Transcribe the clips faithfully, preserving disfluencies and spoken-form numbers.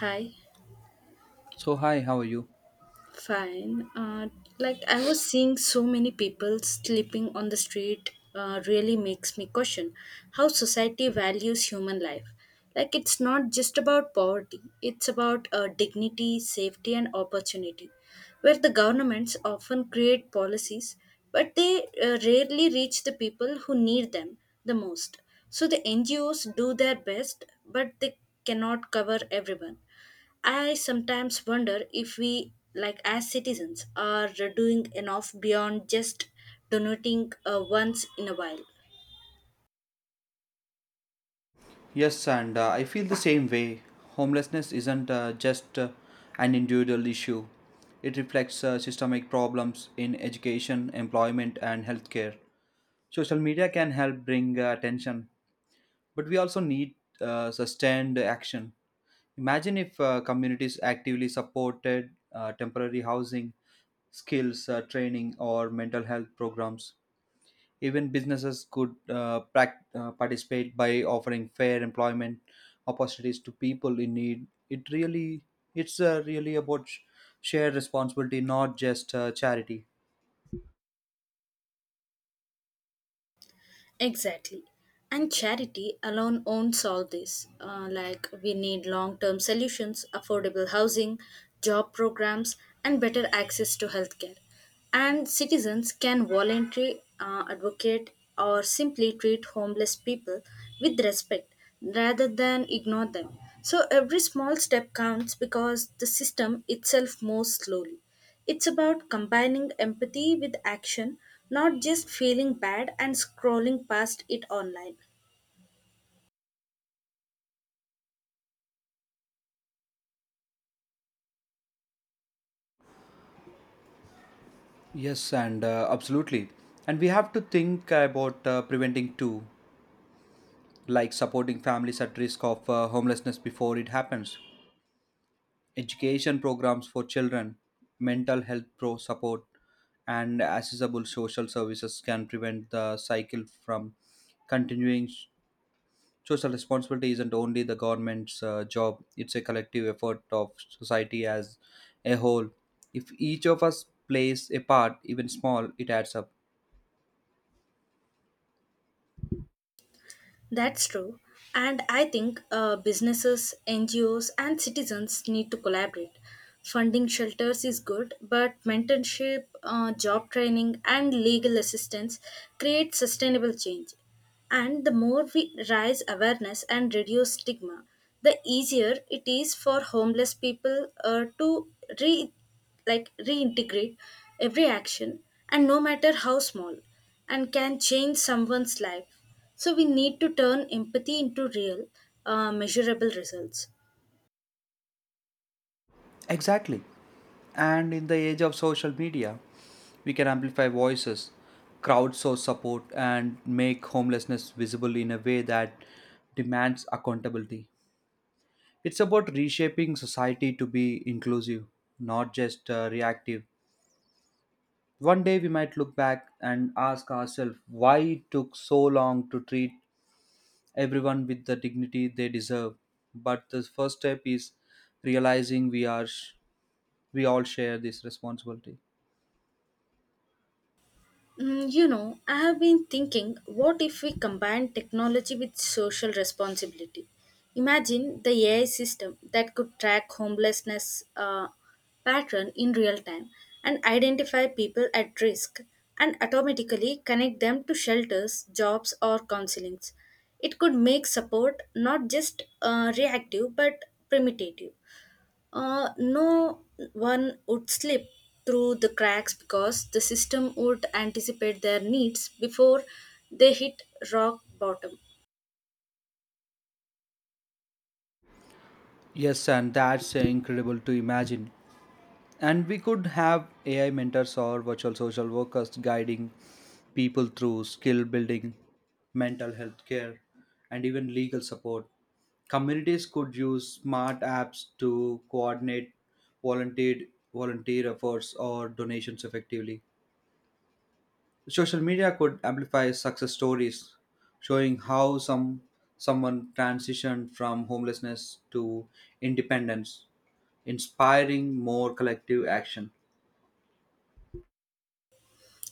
Hi, So, hi, how are you? fine. Uh, like I was seeing so many people sleeping on the street uh, really makes me question how society values human life. Like it's not just about poverty, it's about uh, dignity, safety, and opportunity, where the governments often create policies, but they uh, rarely reach the people who need them the most. So the N G Os do their best, but they cannot cover everyone. I sometimes wonder if we, like as citizens, are doing enough beyond just donating uh, once in a while. Yes, and uh, I feel the same way. Homelessness isn't uh, just uh, an individual issue, it reflects uh, systemic problems in education, employment, and healthcare. Social media can help bring uh, attention, but we also need uh, sustained action. Imagine if uh, communities actively supported uh, temporary housing, skills uh, training, or mental health programs. Even businesses could uh, prac- uh, participate by offering fair employment opportunities to people in need. It really, it's uh, really about sh- shared responsibility, not just uh, charity. Exactly. And charity alone won't solve this. Uh, like, we need long term solutions, affordable housing, job programs, and better access to healthcare. And citizens can voluntarily uh, advocate or simply treat homeless people with respect rather than ignore them. So, every small step counts because the system itself moves slowly. It's about combining empathy with action, not just feeling bad and scrolling past it online. Yes, and uh, absolutely. And we have to think about uh, preventing too, like supporting families at risk of uh, homelessness before it happens. Education programs for children, mental health pro support, and accessible social services can prevent the cycle from continuing. Social responsibility isn't only the government's uh, job, it's a collective effort of society as a whole. If each of us plays a part, even small, it adds up. That's true. And I think uh, businesses, N G Os, and citizens need to collaborate. Funding shelters is good, but mentorship, uh, job training, and legal assistance create sustainable change. And the more we raise awareness and reduce stigma, the easier it is for homeless people uh, to re like reintegrate. Every action, and no matter how small, and can change someone's life, so we need to turn empathy into real uh, measurable results. Exactly. And in the age of social media, we can amplify voices, crowdsource support, and make homelessness visible in a way that demands accountability. It's about reshaping society to be inclusive, not just uh, reactive. One day we might look back and ask ourselves why it took so long to treat everyone with the dignity they deserve. But the first step is realizing we are sh- we all share this responsibility. Mm, you know, I have been thinking, what if we combine technology with social responsibility? Imagine the A I system that could track homelessness uh, pattern in real time and identify people at risk and automatically connect them to shelters, jobs, or counselings. It could make support not just uh, reactive but primitive. Uh, no one would slip through the cracks because the system would anticipate their needs before they hit rock bottom. Yes, and that's incredible to imagine. And we could have A I mentors or virtual social workers guiding people through skill building, mental health care, and even legal support. Communities could use smart apps to coordinate volunteer volunteer efforts or donations effectively. Social media could amplify success stories, showing how some someone transitioned from homelessness to independence, inspiring more collective action.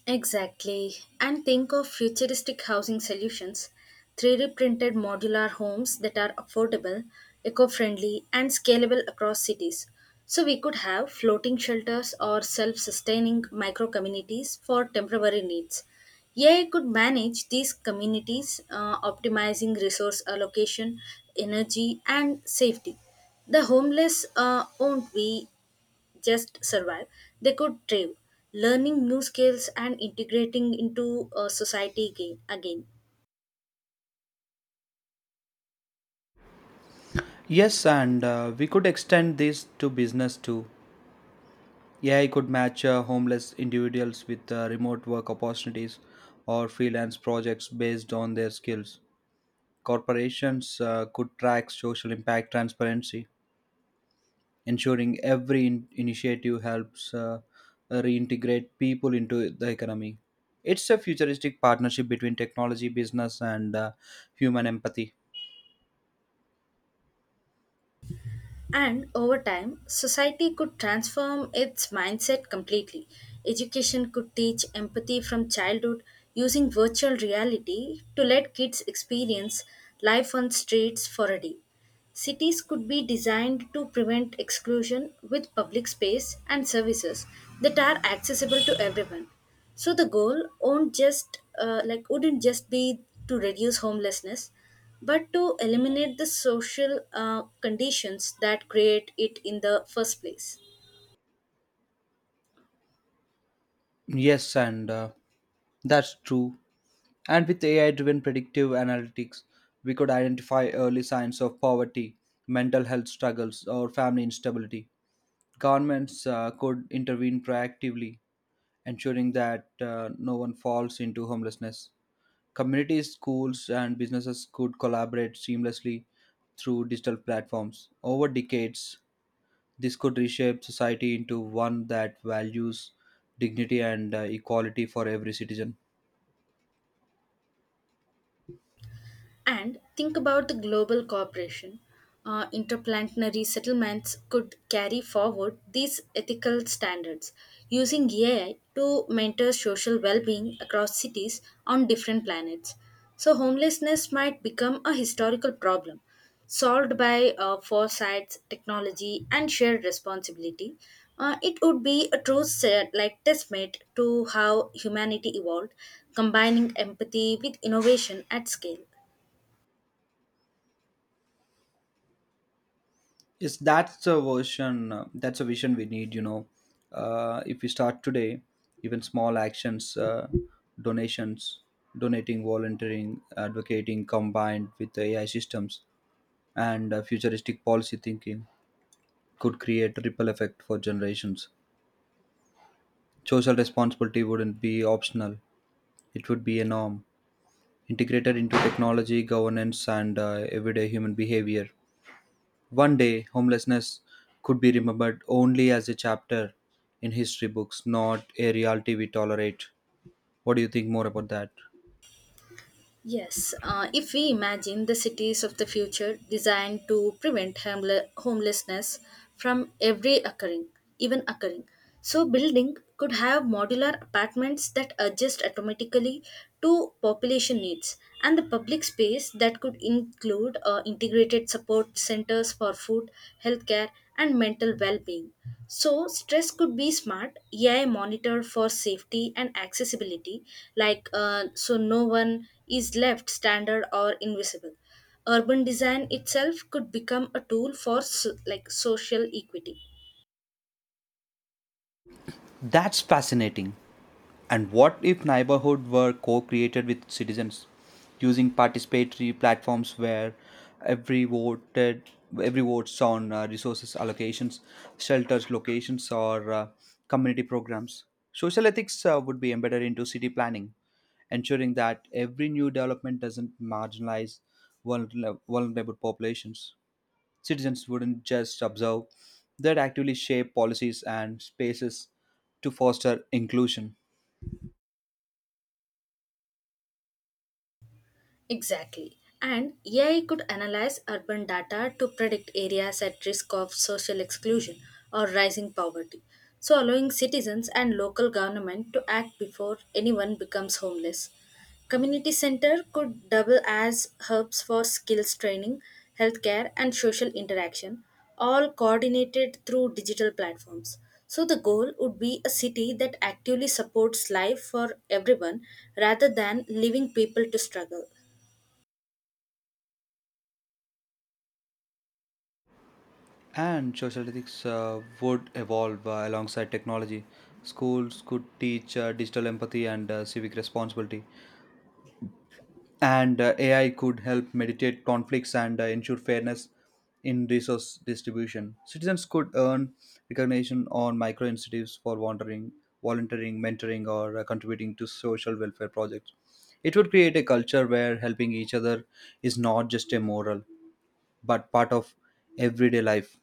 Exactly. And think of futuristic housing solutions, three D printed modular homes that are affordable, eco friendly, and scalable across cities. So, we could have floating shelters or self sustaining micro communities for temporary needs. A I could manage these communities, uh, optimizing resource allocation, energy, and safety. The homeless uh, won't be just survive, they could thrive, learning new skills and integrating into uh, society again, again. Yes, and uh, We could extend this to business too. A I could match uh, homeless individuals with uh, remote work opportunities or freelance projects based on their skills. Corporations uh, could track social impact transparency, ensuring every in- initiative helps uh, reintegrate people into the economy. It's a futuristic partnership between technology, business, and uh, human empathy. And over time, society could transform its mindset completely. Education could teach empathy from childhood, using virtual reality to let kids experience life on streets for a day. Cities could be designed to prevent exclusion with public space and services that are accessible to everyone. So the goal won't just uh, like wouldn't just be to reduce homelessness, but to eliminate the social uh, conditions that create it in the first place. Yes, and uh, That's true. And with A I driven predictive analytics, we could identify early signs of poverty, mental health struggles, or family instability. Governments uh, could intervene proactively, ensuring that uh, no one falls into homelessness. Communities, schools, and businesses could collaborate seamlessly through digital platforms. Over decades, this could reshape society into one that values dignity and uh, equality for every citizen. And think about the global cooperation. Uh, interplanetary settlements could carry forward these ethical standards, using A I to mentor social well being across cities on different planets. So, homelessness might become a historical problem solved by uh, foresights, technology, and shared responsibility. Uh, it would be a true set, like testament to how humanity evolved, combining empathy with innovation at scale. Yes, that's a version. Uh, That's a vision we need. You know, uh, if we start today, even small actions, uh, donations, donating, volunteering, advocating, combined with the A I systems and uh, futuristic policy thinking, could create a ripple effect for generations. Social responsibility wouldn't be optional; it would be a norm, integrated into technology, governance, and uh, everyday human behavior. One day, homelessness could be remembered only as a chapter in history books, not a reality we tolerate. What do you think more about that? Yes, uh, if we imagine the cities of the future designed to prevent hamle- homelessness from every occurring, even occurring, so building could have modular apartments that adjust automatically to population needs, and the public space that could include uh, integrated support centers for food, healthcare, and mental well-being. So, stress could be smart, A I monitored for safety and accessibility, like uh, so no one is left standard or invisible. Urban design itself could become a tool for so, like social equity. That's fascinating. And what if neighborhood were co-created with citizens using participatory platforms where every voted every votes on uh, resources allocations, shelters locations or uh, community programs. Social ethics uh, would be embedded into city planning, ensuring that every new development doesn't marginalize vulner- vulnerable populations. Citizens wouldn't just observe, they'd actively shape policies and spaces to foster inclusion. Exactly. And A I could analyze urban data to predict areas at risk of social exclusion or rising poverty, so allowing citizens and local government to act before anyone becomes homeless. Community center could double as hubs for skills training, healthcare and social interaction, all coordinated through digital platforms. So the goal would be a city that actively supports life for everyone rather than leaving people to struggle. And social ethics uh, would evolve uh, alongside technology. Schools could teach uh, digital empathy and uh, civic responsibility. And uh, A I could help mediate conflicts and uh, ensure fairness in resource distribution. Citizens could earn recognition on micro incentives for wandering, volunteering, mentoring, or uh, contributing to social welfare projects. It would create a culture where helping each other is not just a moral, but part of everyday life.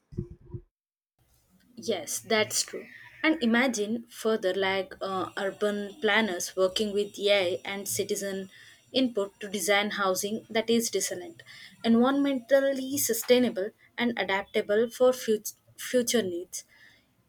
Yes, that's true. And imagine further, like uh, urban planners working with A I and citizen input to design housing that is resilient, environmentally sustainable, and adaptable for fut- future needs.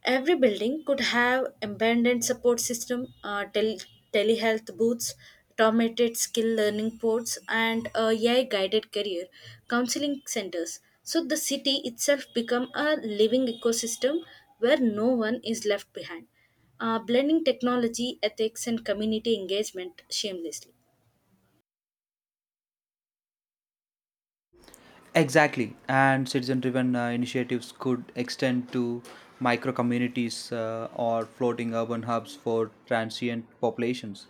Every building could have abandoned support system, uh, tel- telehealth booths, automated skill learning ports, and a AI guided career counseling centers. So the city itself become a living ecosystem where no one is left behind, uh, blending technology, ethics, and community engagement shamelessly. Exactly, and citizen-driven uh, initiatives could extend to micro communities uh, or floating urban hubs for transient populations.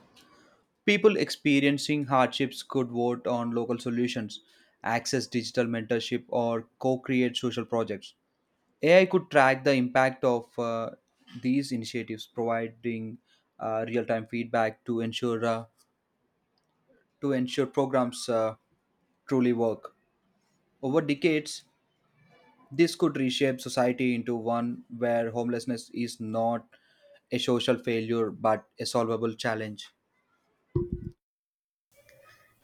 People experiencing hardships could vote on local solutions, access digital mentorship, or co-create social projects. A I could track the impact of uh, these initiatives, providing uh, real-time feedback to ensure uh, to ensure programs uh, truly work. Over decades, this could reshape society into one where homelessness is not a social failure but a solvable challenge.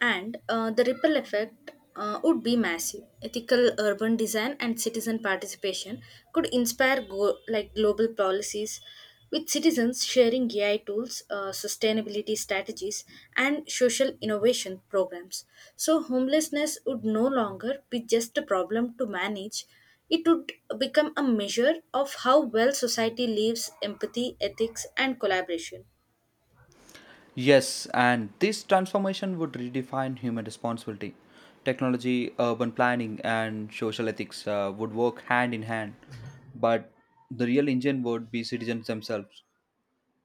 And uh, the ripple effect uh, would be massive. Ethical urban design and citizen participation could inspire go- like global policies, with citizens sharing A I tools, uh, sustainability strategies, and social innovation programs. So homelessness would no longer be just a problem to manage. It would become a measure of how well society lives empathy, ethics, and collaboration. Yes, and this transformation would redefine human responsibility. Technology, urban planning, and social ethics uh, would work hand in hand, but the real engine would be citizens themselves.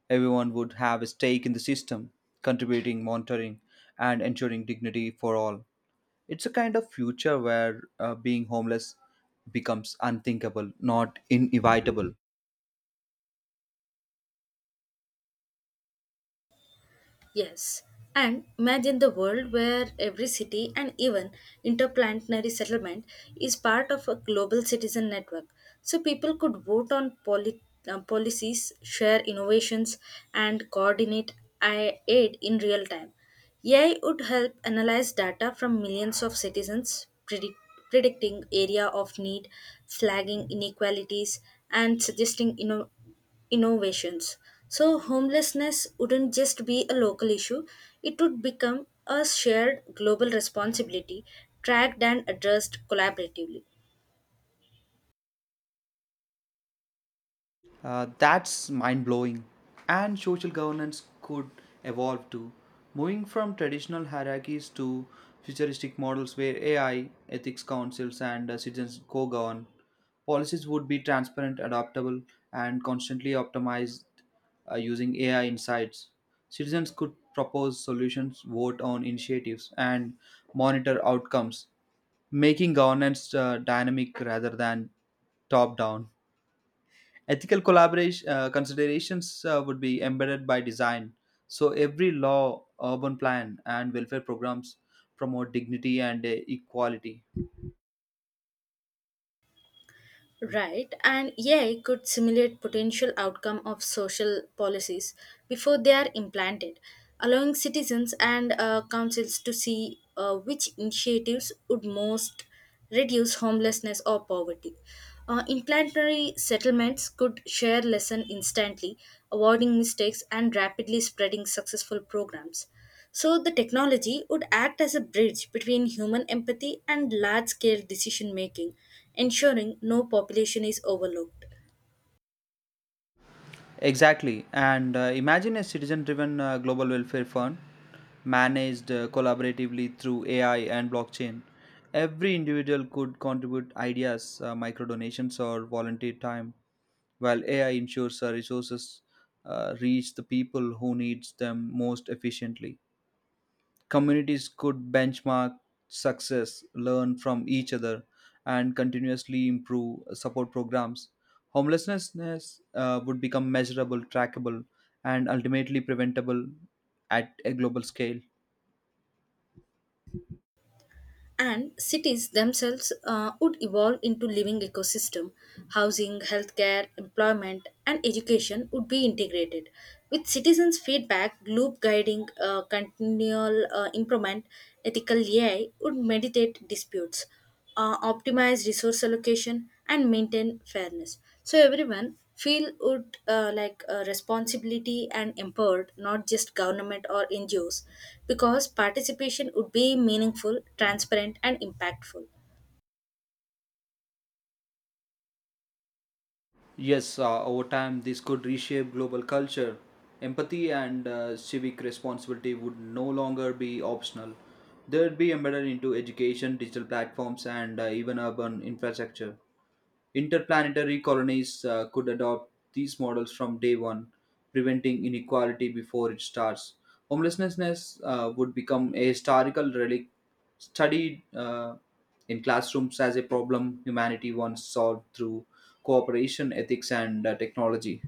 Everyone would have a stake in the system, contributing, monitoring, and ensuring dignity for all. It's a kind of future where uh, being homeless becomes unthinkable, not inevitable. Yes, and imagine the world where every city and even interplanetary settlement is part of a global citizen network. So people could vote on poli- uh, policies, share innovations, and coordinate ai- aid in real time. A I would help analyze data from millions of citizens, predict- predicting area of need, flagging inequalities, and suggesting innovations innovations. So, homelessness wouldn't just be a local issue, it would become a shared global responsibility, tracked and addressed collaboratively. Uh, that's mind blowing. And social governance could evolve too, moving from traditional hierarchies to futuristic models where A I, ethics councils, and uh, citizens co govern. Policies would be transparent, adaptable, and constantly optimized uh, using A I insights. Citizens could propose solutions, vote on initiatives, and monitor outcomes, making governance uh, dynamic rather than top down. Ethical collaboration uh, considerations uh, would be embedded by design. So every law, urban plan, and welfare programs promote dignity and uh, equality. Right, and A I could simulate potential outcome of social policies before they are implanted, allowing citizens and uh, councils to see uh, which initiatives would most reduce homelessness or poverty. Uh, implantary settlements could share lesson instantly, avoiding mistakes and rapidly spreading successful programs. So, the technology would act as a bridge between human empathy and large scale decision making, ensuring no population is overlooked. Exactly. And uh, imagine a citizen-driven uh, global welfare fund managed uh, collaboratively through A I and blockchain. Every individual could contribute ideas, uh, micro donations, or volunteer time, while A I ensures uh, resources uh, reach the people who needs them most efficiently. Communities could benchmark success, learn from each other, and continuously improve support programs. Homelessness uh, would become measurable, trackable, and ultimately preventable at a global scale. And cities themselves uh, would evolve into living ecosystem. Housing, healthcare, employment, and education would be integrated. With citizens' feedback loop guiding uh, continual uh, improvement, ethical A I would mediate disputes, uh, optimize resource allocation and maintain fairness, so everyone feel would uh, like uh, responsibility and empowered, not just government or ngos, because participation would be meaningful, transparent and impactful. Yes, uh, Over time, this could reshape global culture. Empathy and uh, civic responsibility would no longer be optional. They'd be embedded into education, digital platforms, and uh, even urban infrastructure. Interplanetary colonies uh, could adopt these models from day one, preventing inequality before it starts. Homelessness uh, would become a historical relic studied uh, in classrooms as a problem humanity once solved through cooperation, ethics, and uh, technology.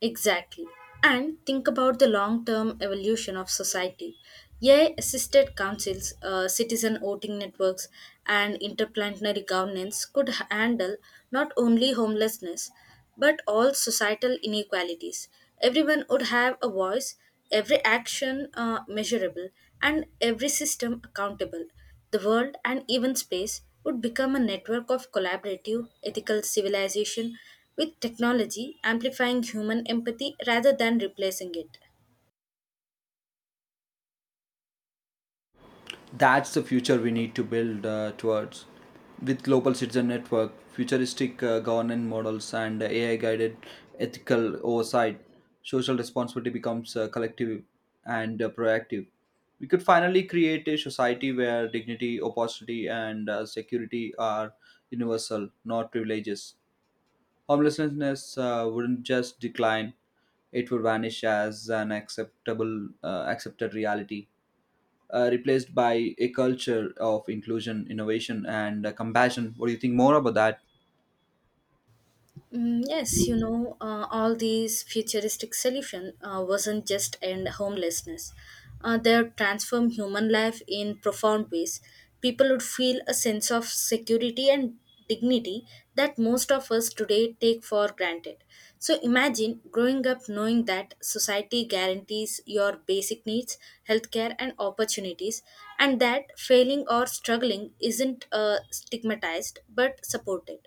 Exactly. And think about the long term evolution of society. A I assisted councils, uh, citizen voting networks, and interplanetary governance could h- handle not only homelessness but all societal inequalities. Everyone would have a voice, every action uh, measurable, and every system accountable. The world and even space would become a network of collaborative, ethical civilization, with technology amplifying human empathy rather than replacing it. That's the future we need to build uh, towards. With global citizen network, futuristic uh, governance models, and A I guided ethical oversight, social responsibility becomes uh, collective and uh, proactive. We could finally create a society where dignity, opportunity, and uh, security are universal, not privileges. Homelessness uh, wouldn't just decline, it would vanish as an acceptable, uh, accepted reality uh, replaced by a culture of inclusion, innovation, and uh, compassion. What do you think more about that? Mm, yes, you know, uh, all these futuristic solution uh, wasn't just end homelessness. Uh, they transform human life in profound ways. People would feel a sense of security and dignity that most of us today take for granted. So imagine growing up knowing that society guarantees your basic needs, healthcare, and opportunities, and that failing or struggling isn't uh, stigmatized but supported.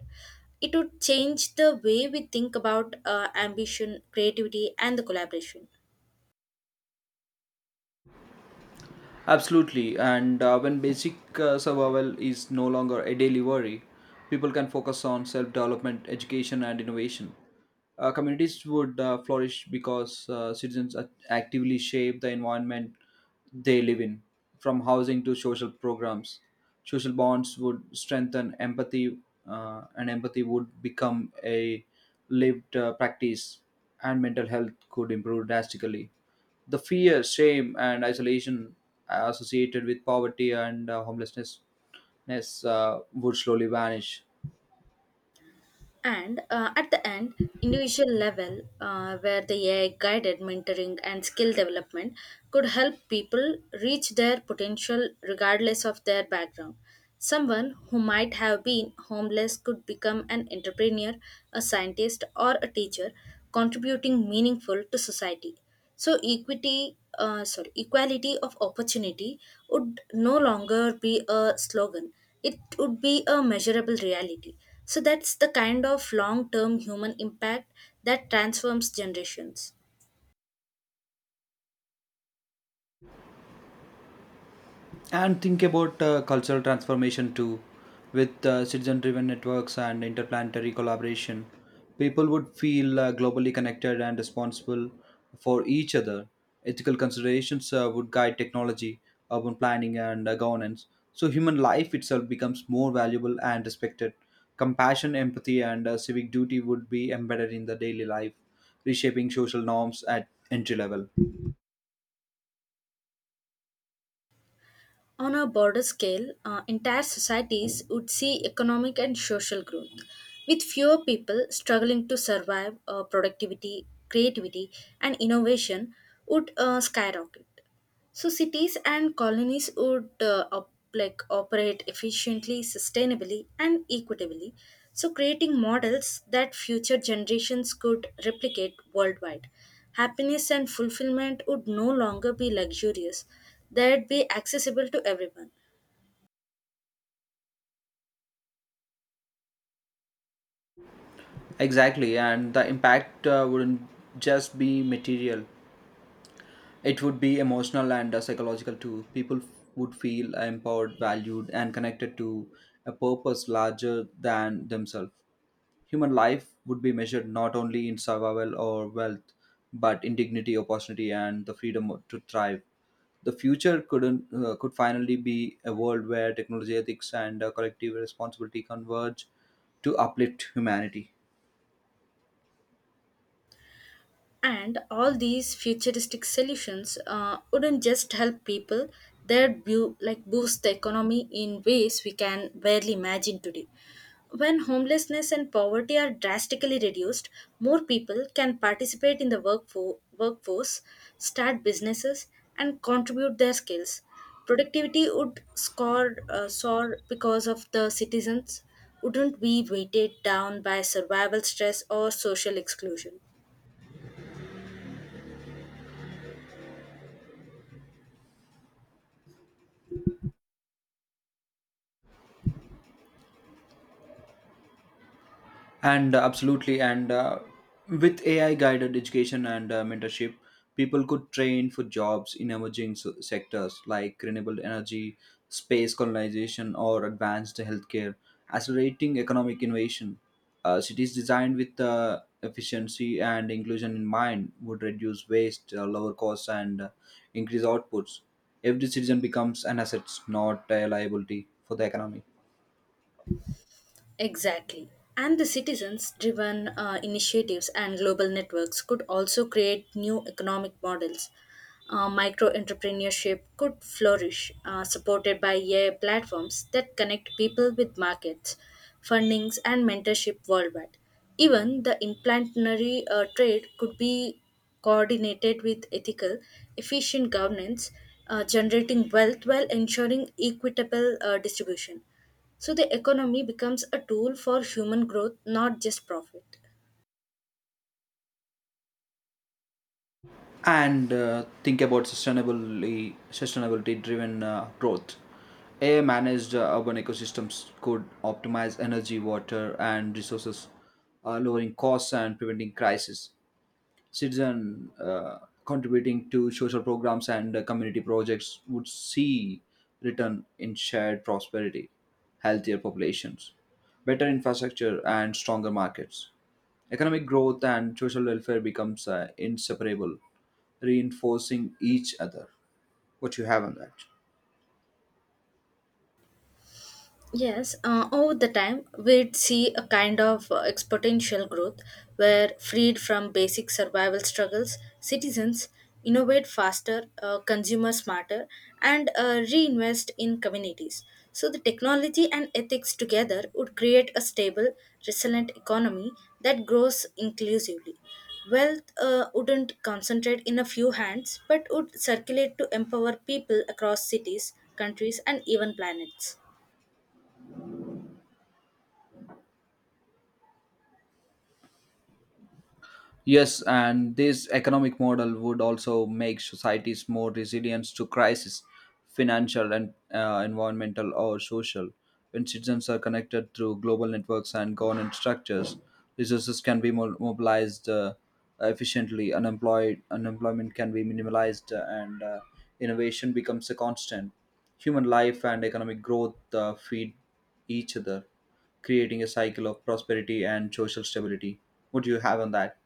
It would change the way we think about uh, ambition, creativity and the collaboration. Absolutely. And uh, when basic uh, survival is no longer a daily worry, people can focus on self development, education, and innovation. uh, communities would uh, flourish because uh, citizens act- actively shape the environment they live in, from housing to social programs. Social bonds would strengthen empathy, uh, and empathy would become a lived uh, practice, and mental health could improve drastically. The fear, shame, and isolation associated with poverty and uh, homelessness ness, uh, would slowly vanish. And uh, at the end, individual level, uh, where the A I guided mentoring and skill development could help people reach their potential regardless of their background. Someone who might have been homeless could become an entrepreneur, a scientist, or a teacher, contributing meaningful to society. So equity, uh, sorry, equality of opportunity would no longer be a slogan, it would be a measurable reality. So that's the kind of long term human impact that transforms generations. And think about uh, cultural transformation too, with uh, citizen driven networks and interplanetary collaboration, people would feel uh, globally connected and responsible for each other. Ethical considerations uh, would guide technology, urban planning, and uh, governance, so human life itself becomes more valuable and respected. Compassion, empathy, and uh, civic duty would be embedded in the daily life, reshaping social norms at entry level. On a broader scale, uh, entire societies would see economic and social growth, with fewer people struggling to survive. Uh, productivity, creativity, and innovation would uh, skyrocket. So cities and colonies would uh, op- like operate efficiently, sustainably, and equitably. So creating models that future generations could replicate worldwide. Happiness and fulfillment would no longer be luxurious; they'd be accessible to everyone. Exactly, and the impact uh, wouldn't just be material, it would be emotional and uh, psychological too. People f- would feel empowered, valued, and connected to a purpose larger than themselves. Human life would be measured not only in survival or wealth, but in dignity, opportunity, and the freedom to thrive. The future couldn't uh, could finally be a world where technology, ethics, and uh, collective responsibility converge to uplift humanity. And all these futuristic solutions uh, wouldn't just help people; they'd bu- like boost the economy in ways we can barely imagine today. When homelessness and poverty are drastically reduced, more people can participate in the workfo- workforce, start businesses, and contribute their skills. Productivity would score, uh, soar, because of the citizens wouldn't be weighted down by survival stress or social exclusion. And uh, absolutely, and uh, With A I guided education and uh, mentorship, people could train for jobs in emerging s- sectors like renewable energy, space colonization, or advanced healthcare, accelerating economic innovation. Uh, cities designed with uh, efficiency and inclusion in mind would reduce waste, uh, lower costs, and uh, increase outputs. Every citizen becomes an asset, not a liability for the economy. Exactly. And the citizens driven uh, initiatives and global networks could also create new economic models. Uh, Micro entrepreneurship could flourish, uh, supported by A I platforms that connect people with markets, fundings, and mentorship worldwide. Even the implantinary uh, trade could be coordinated with ethical, efficient governance, uh, generating wealth while ensuring equitable uh, distribution. So the economy becomes a tool for human growth, not just profit. And uh, Think about sustainably sustainability driven uh, growth. A I managed uh, urban ecosystems could optimize energy, water, and resources, uh, lowering costs and preventing crisis. Citizen uh, contributing to social programs and uh, community projects would see return in shared prosperity, healthier populations, better infrastructure, and stronger markets. Economic growth and social welfare becomes uh, inseparable, reinforcing each other. What you have on that? Yes, uh, over the time, we'd see a kind of uh, exponential growth where, freed from basic survival struggles, citizens innovate faster, uh, consumer smarter, and uh, reinvest in communities. So, the technology and ethics together would create a stable, resilient economy that grows inclusively. Wealth uh, wouldn't concentrate in a few hands, but would circulate to empower people across cities, countries, and even planets. Yes, and this economic model would also make societies more resilient to crisis, financial and uh, environmental or social. When citizens are connected through global networks and governance structures, resources can be mo- mobilized uh, efficiently, unemployed unemployment can be minimalized, uh, and uh, innovation becomes a constant. Human life and economic growth uh, feed each other, creating a cycle of prosperity and social stability. What do you have on that?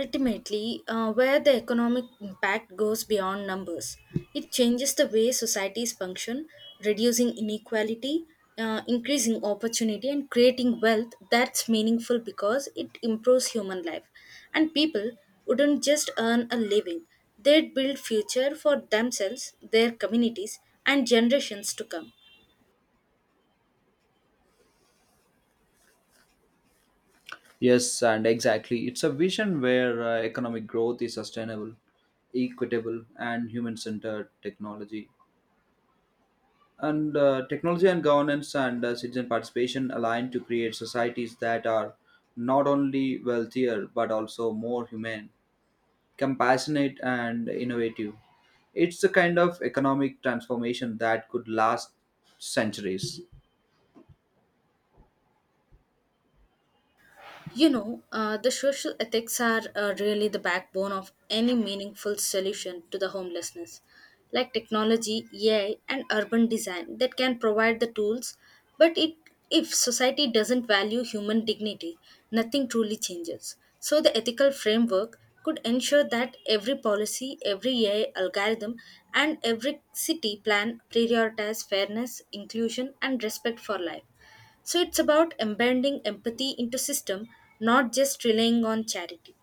Ultimately, uh, where the economic impact goes beyond numbers, it changes the way societies function, reducing inequality, uh, increasing opportunity, and creating wealth that's meaningful because it improves human life. And people wouldn't just earn a living; they'd build future for themselves, their communities, and generations to come. Yes, and exactly. It's a vision where uh, economic growth is sustainable, equitable, and human centered technology. And uh, technology and governance and uh, citizen participation align to create societies that are not only wealthier but also more humane, compassionate, and innovative. It's the kind of economic transformation that could last centuries. You know, uh, the social ethics are uh, really the backbone of any meaningful solution to the homelessness, like technology, A I, and urban design that can provide the tools. But it, if society doesn't value human dignity, nothing truly changes. So, the ethical framework could ensure that every policy, every A I algorithm, and every city plan prioritize fairness, inclusion, and respect for life. So it's about embedding empathy into system, not just relying on charity.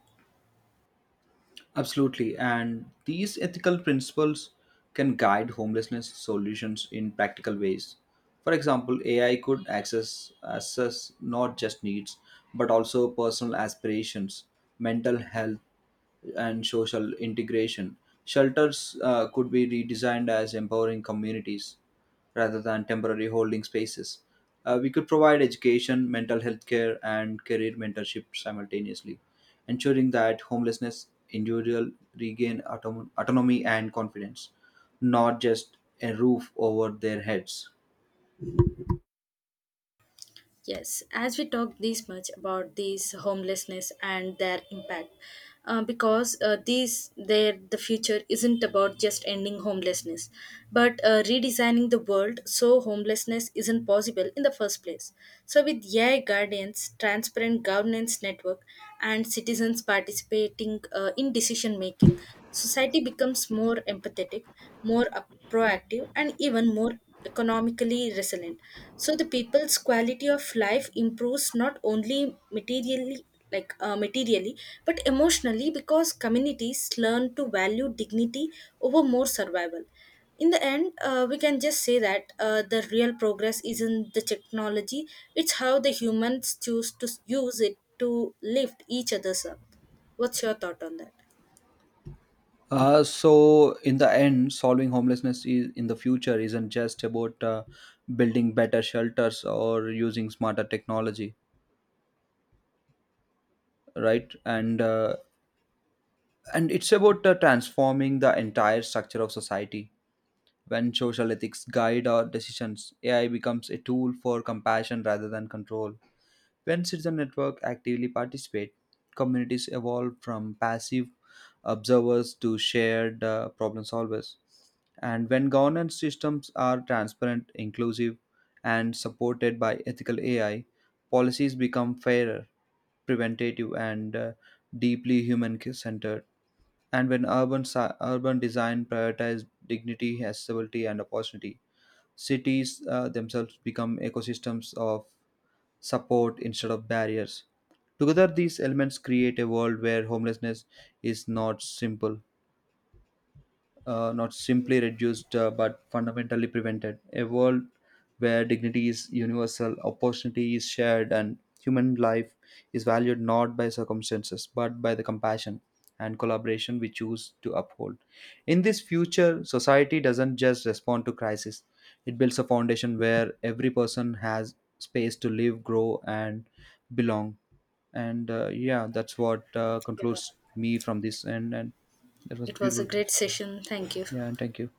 Absolutely. And these ethical principles can guide homelessness solutions in practical ways. For example, A I could access assess not just needs, but also personal aspirations, mental health, and social integration. Shelters uh, could be redesigned as empowering communities rather than temporary holding spaces. Uh, we could provide education, mental health care, and career mentorship simultaneously, ensuring that homelessness individual regain autom- autonomy and confidence, not just a roof over their heads. Yes, as we talk this much about these homelessness and their impact, uh, because uh, these their the future isn't about just ending homelessness, but uh, redesigning the world so homelessness isn't possible in the first place. So, with A I guardians, transparent governance network, and citizens participating uh, in decision making, society becomes more empathetic, more uh, proactive, and even more economically resilient. So the people's quality of life improves not only materially, like uh, materially but emotionally, because communities learn to value dignity over more survival. In the end uh, we can just say that uh, the real progress isn't the technology, it's how the humans choose to s- use it to lift each other's up. What's your thought on that? Uh, so, in the end, solving homelessness is, in the future isn't just about uh, building better shelters or using smarter technology, right? And uh, and it's about uh, transforming the entire structure of society. When social ethics guide our decisions, A I becomes a tool for compassion rather than control. When citizen network actively participate, communities evolve from passive observers to shared uh, problem solvers. And when governance systems are transparent, inclusive, and supported by ethical A I, policies become fairer, preventative, and uh, deeply human centered. And when urban si- urban design prioritizes dignity, accessibility, and opportunity, cities uh, themselves become ecosystems of support instead of barriers. Together, these elements create a world where homelessness is not simple uh, not simply reduced uh, but fundamentally prevented. A world where dignity is universal, opportunity is shared, and human life is valued not by circumstances but by the compassion and collaboration we choose to uphold. In this future, society doesn't just respond to crisis, it builds a foundation where every person has space to live, grow, and belong. And uh, Yeah, that's what uh, Yeah. concludes me from this. And, and That was It was a beautiful. great session, thank you. Yeah, and thank you.